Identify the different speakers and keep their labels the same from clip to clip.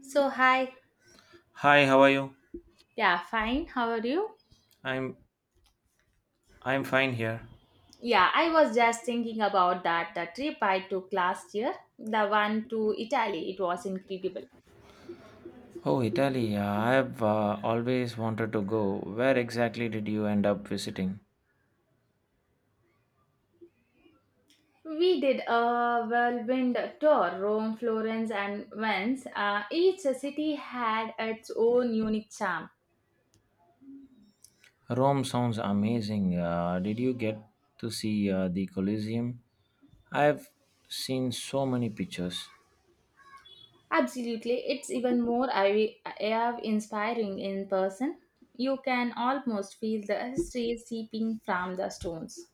Speaker 1: So, hi.
Speaker 2: Hi, how are you?
Speaker 1: Yeah, fine. How are you?
Speaker 2: I'm I'm fine here.
Speaker 1: Yeah, I was just thinking about that trip I took last year, the one to Italy. It was incredible.
Speaker 2: Oh,
Speaker 1: We did a whirlwind tour: Rome, Florence, and Venice. Each city had its own unique charm.
Speaker 2: Rome sounds amazing. Did you get to see the Colosseum? I've seen so many pictures.
Speaker 1: Absolutely, it's even more inspiring in person. You can almost feel the history seeping from the stones.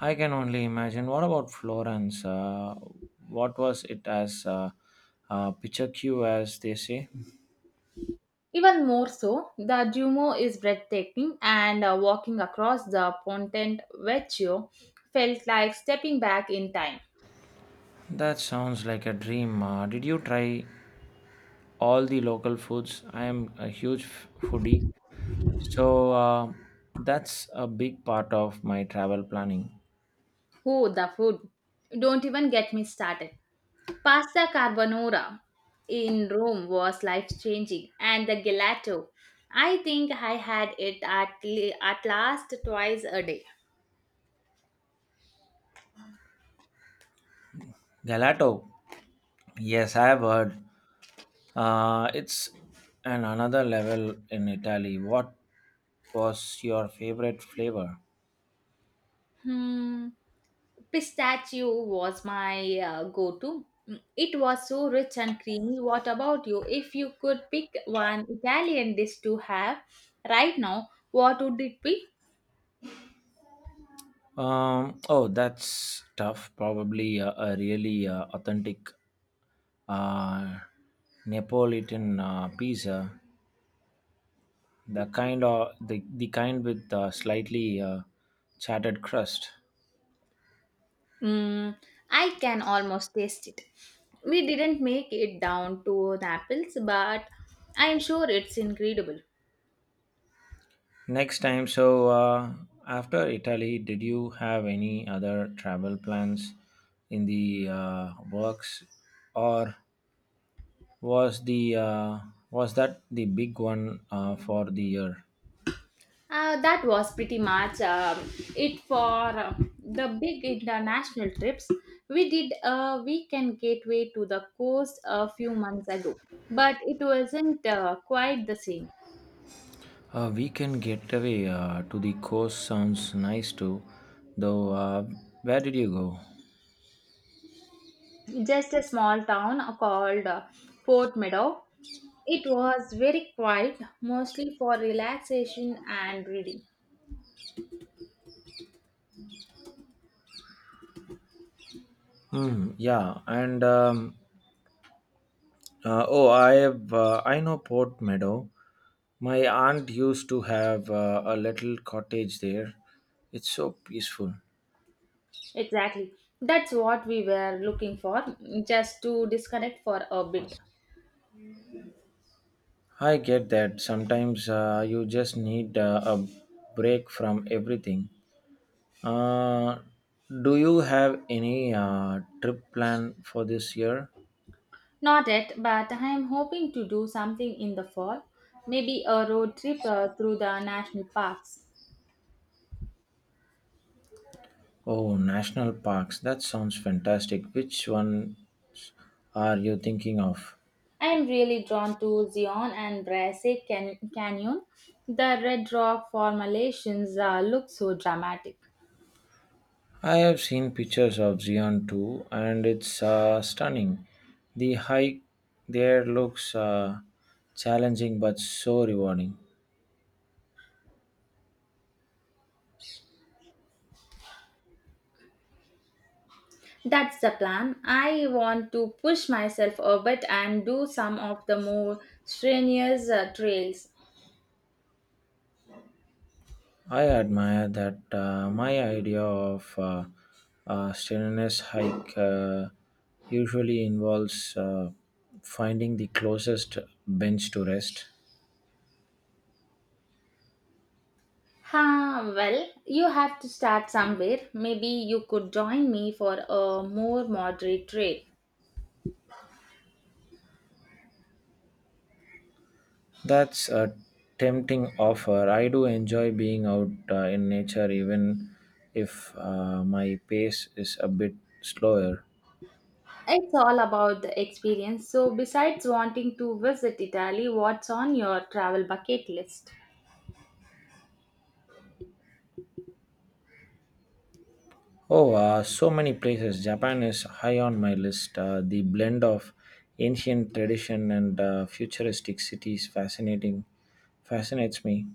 Speaker 2: I can only imagine. What about Florence? What was it as picture queue, as they say?
Speaker 1: Even more so, the Duomo is breathtaking, and walking across the Ponte Vecchio felt like stepping back in time.
Speaker 2: That sounds like a dream. Did you try all the local foods? I am a huge foodie, so that's a big part of my travel planning.
Speaker 1: Oh, the food! Don't even get me started. Pasta carbonara in Rome was life changing, and the gelato. I think I had it at last twice a day.
Speaker 2: Galato. Yes, I have heard. It's an another level in Italy. What was your favorite flavor?
Speaker 1: Hmm. Pistachio was my go to. It was so rich and creamy. What about you? If you could pick one Italian dish to have right now, what would it be?
Speaker 2: Oh, that's tough. Probably a really authentic uh, Neapolitan pizza. The kind of the kind with slightly chatted crust.
Speaker 1: Mm, I can almost taste it. We didn't make it down to Naples, but I'm sure it's incredible.
Speaker 2: Next time, so after Italy, did you have any other travel plans in the works, or was the uh, was that the big one for the year?
Speaker 1: That was pretty much, it for the big international trips. We did a weekend gateway to the coast a few months ago, but it wasn't quite the same.
Speaker 2: A weekend getaway to the coast sounds nice too, though. Where did you go?
Speaker 1: Just a small town called Port Meadow. It was very quiet, mostly for relaxation and reading.
Speaker 2: Mm, yeah, and oh, I know Port Meadow. My aunt used to have a little cottage there. It's so peaceful.
Speaker 1: Exactly. That's what we were looking for, just to disconnect for a bit.
Speaker 2: I get that. Sometimes you just need a break from everything. Uh, do you have any trip plan for this year?
Speaker 1: Not yet, but I am hoping to do something in the fall, maybe a road trip through the national parks.
Speaker 2: Oh, national parks. That sounds fantastic. Which one are you thinking of?
Speaker 1: I am really drawn to Zion and Brasse Canyon. The red rock formations look so dramatic.
Speaker 2: I have seen pictures of Xi'an too, and it's stunning. The hike there looks challenging but so rewarding.
Speaker 1: That's the plan. I want to push myself a bit and do some of the more strenuous trails.
Speaker 2: I admire that, my idea of a strenuous hike usually involves finding the closest bench to rest.
Speaker 1: Huh, well, you have to start somewhere. Maybe you could join me for a more moderate trail.
Speaker 2: That's a tempting offer. I do enjoy being out in nature, even if my pace is a bit slower.
Speaker 1: It's all about the experience. So, besides wanting to visit Italy, what's on your travel bucket list?
Speaker 2: Oh, so many places. Japan is high on my list. The blend of ancient tradition and futuristic cities fascinating fascinates me.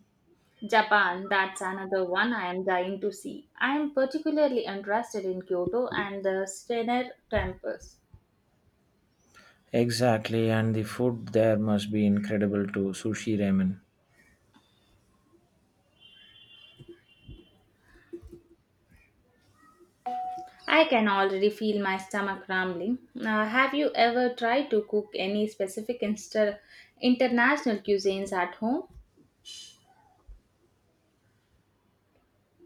Speaker 1: Japan, that's another one I am dying to see. I am particularly interested in Kyoto and the Steiner temples.
Speaker 2: Exactly, and the food there must be incredible too. Sushi ramen.
Speaker 1: I can already feel my stomach rumbling. Now, have you ever tried to cook any specific international cuisines at home?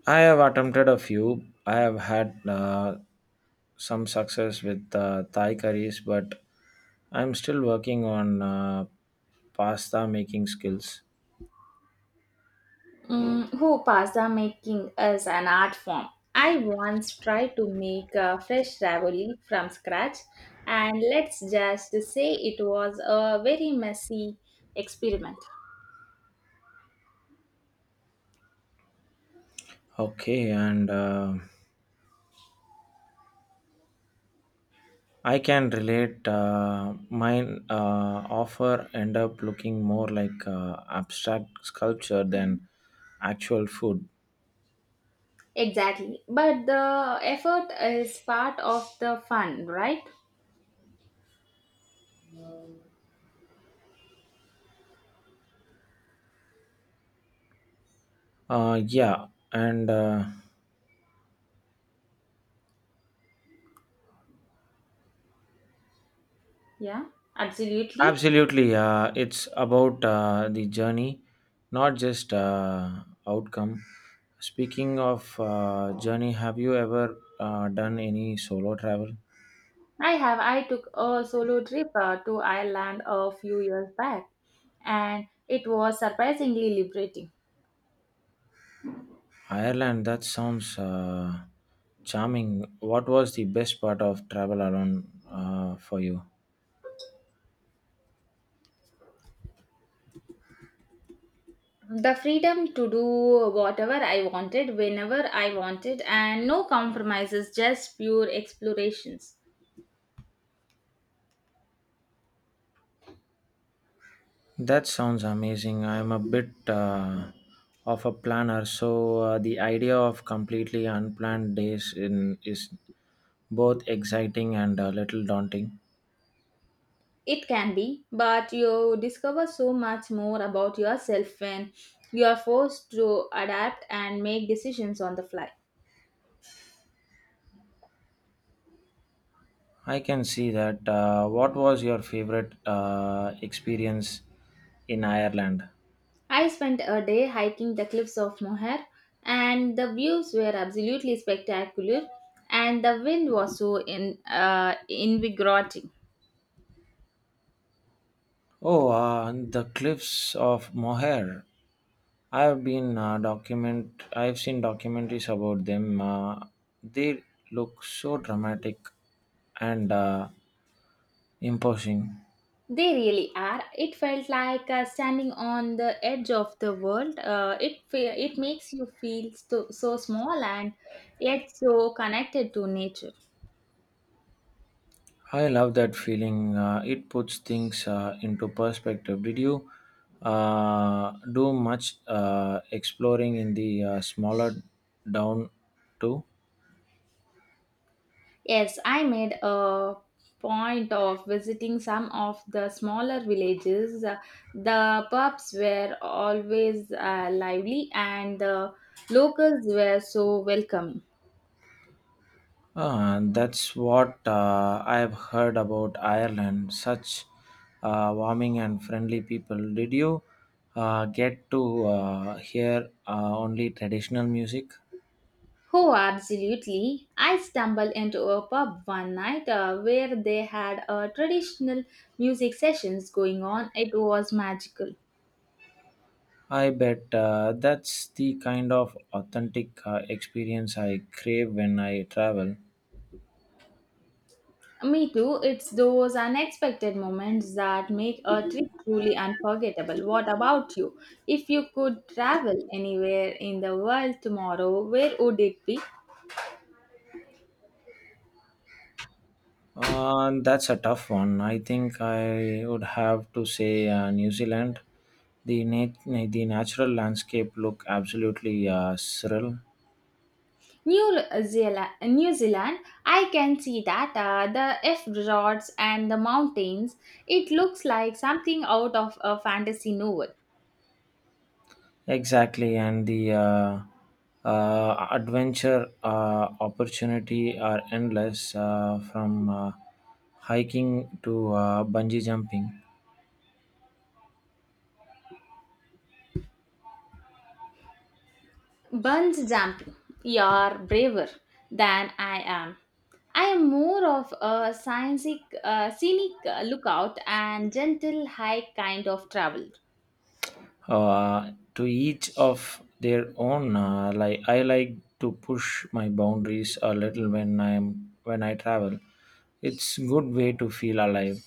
Speaker 2: I have attempted a few. I have had some success with Thai curries, but I'm still working on pasta making skills.
Speaker 1: Mm, who pasta making is an art form. I once tried to make a fresh ravioli from scratch, and let's just say it was a very messy experiment.
Speaker 2: Okay, and I can relate. Mine offer end up looking more like abstract sculpture than actual food.
Speaker 1: Exactly, but the effort is part of the fun, right?
Speaker 2: Yeah, and
Speaker 1: Yeah, absolutely.
Speaker 2: absolutely. It's about the journey, not just outcome. Speaking of journey, have you ever done any solo travel?
Speaker 1: I have. I took a solo trip to Ireland a few years back, and it was surprisingly liberating.
Speaker 2: Ireland, that sounds charming. What was the best part of travel alone for you?
Speaker 1: The freedom to do whatever I wanted, whenever I wanted, and no compromises, just pure explorations.
Speaker 2: That sounds amazing. I'm a bit of a planner, so the idea of completely unplanned days in is both exciting and a little daunting.
Speaker 1: It can be, but you discover so much more about yourself when you are forced to adapt and make decisions on the fly.
Speaker 2: I can see that. What was your favorite experience in Ireland?
Speaker 1: I spent a day hiking the cliffs of Moher, and the views were absolutely spectacular, and the wind was so invigorating.
Speaker 2: Oh, the cliffs of Moher. I've been document. I've seen documentaries about them. They look so dramatic and imposing.
Speaker 1: They really are. It felt like standing on the edge of the world. It makes you feel so, so small and yet so connected to nature.
Speaker 2: I love that feeling. It puts things into perspective. Did you do much exploring in the smaller down too?
Speaker 1: Yes, I made a point of visiting some of the smaller villages. The pubs were always lively and the locals were so welcoming.
Speaker 2: Ah, and that's what, I have heard about Ireland. Such warming and friendly people. Did you get to hear only traditional music?
Speaker 1: Oh, absolutely. I stumbled into a pub one night where they had traditional music sessions going on. It was magical.
Speaker 2: I bet, that's the kind of authentic experience I crave when I travel.
Speaker 1: Me too. It's those unexpected moments that make a trip truly unforgettable. What about you? If you could travel anywhere in the world tomorrow, where would it be?
Speaker 2: That's a tough one. I think I would have to say New Zealand. The natural landscape look absolutely surreal.
Speaker 1: New Zealand, I can see that the F resorts and the mountains. It looks like something out of a fantasy novel.
Speaker 2: Exactly, and the adventure opportunity are endless from hiking to bungee jumping.
Speaker 1: Bunch jumping, you're braver than I am. I am more of a scenic lookout and gentle hike kind of travel.
Speaker 2: To each of their own. Like I like to push my boundaries a little when I'm when I travel. It's good way to feel alive.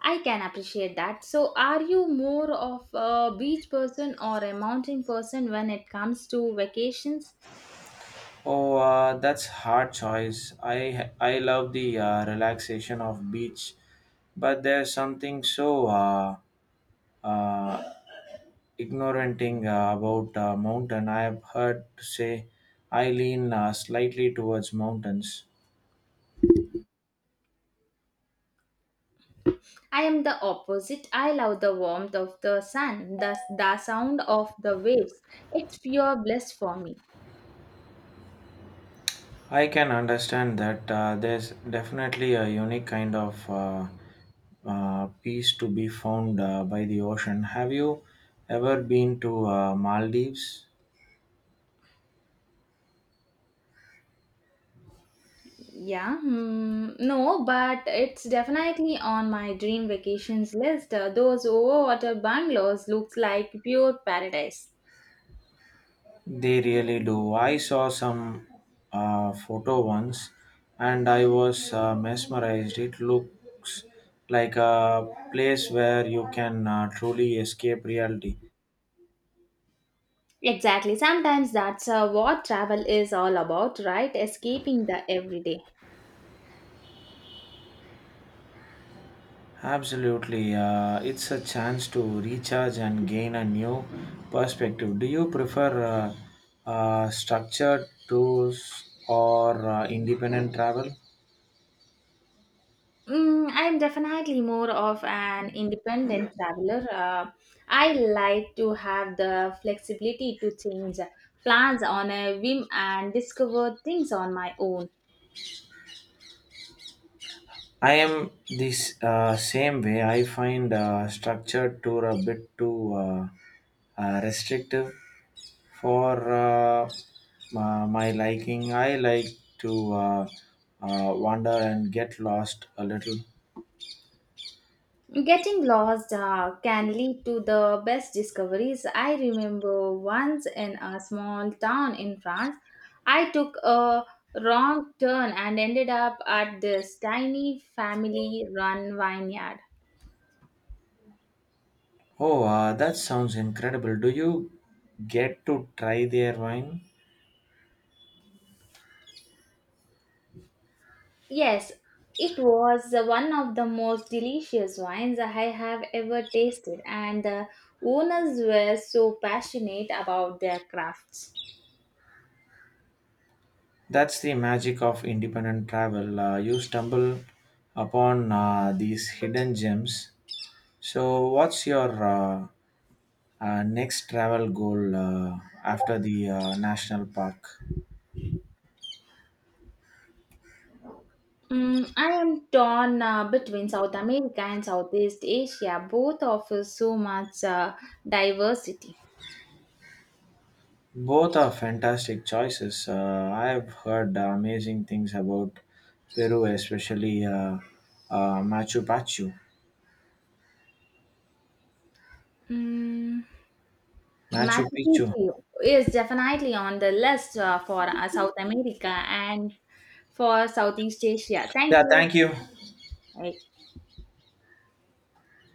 Speaker 1: I can appreciate that. So, are you more of a beach person or a mountain person when it comes to vacations?
Speaker 2: Oh, that's hard choice. I love the relaxation of beach, but there's something so uh, ignoranting about mountain. I have heard to say I lean slightly towards mountains.
Speaker 1: I am the opposite. I love the warmth of the sun, the sound of the waves. It's pure bliss for me.
Speaker 2: I can understand that, there's definitely a unique kind of peace to be found by the ocean. Have you ever been to Maldives?
Speaker 1: Yeah, hmm, no, but it's definitely on my dream vacations list. Those overwater bungalows looks like pure paradise.
Speaker 2: They really do. I saw some photo once and I was mesmerized. It looks like a place where you can truly escape reality.
Speaker 1: Exactly. Sometimes that's what travel is all about, right? Escaping the everyday.
Speaker 2: Absolutely. It's a chance to recharge and gain a new perspective. Do you prefer structured tours or independent travel?
Speaker 1: Mm, I'm definitely more of an independent traveler. I like to have the flexibility to change plans on a whim and discover things on my own.
Speaker 2: I am this same way. I find structured tour a bit too restrictive for my, my liking. I like to wander and get lost a little.
Speaker 1: Getting lost can lead to the best discoveries. I remember once in a small town in France, I took a wrong turn and ended up at this tiny family run vineyard.
Speaker 2: Oh, that sounds incredible. Do you get to try their wine?
Speaker 1: Yes, it was one of the most delicious wines I have ever tasted, and the owners were so passionate about their crafts.
Speaker 2: That's the magic of independent travel. You stumble upon these hidden gems. So, what's your next travel goal after the national park.
Speaker 1: Mm, I am torn between South America and Southeast Asia. Both offer so much diversity.
Speaker 2: Both are fantastic choices. I have heard amazing things about Peru, especially Machu Picchu.
Speaker 1: Mm,
Speaker 2: Machu
Speaker 1: Machu
Speaker 2: Picchu.
Speaker 1: Picchu is definitely on the list for South America and for Southeast Asia. Thank
Speaker 2: Yeah,
Speaker 1: you.
Speaker 2: thank you.
Speaker 1: Bye.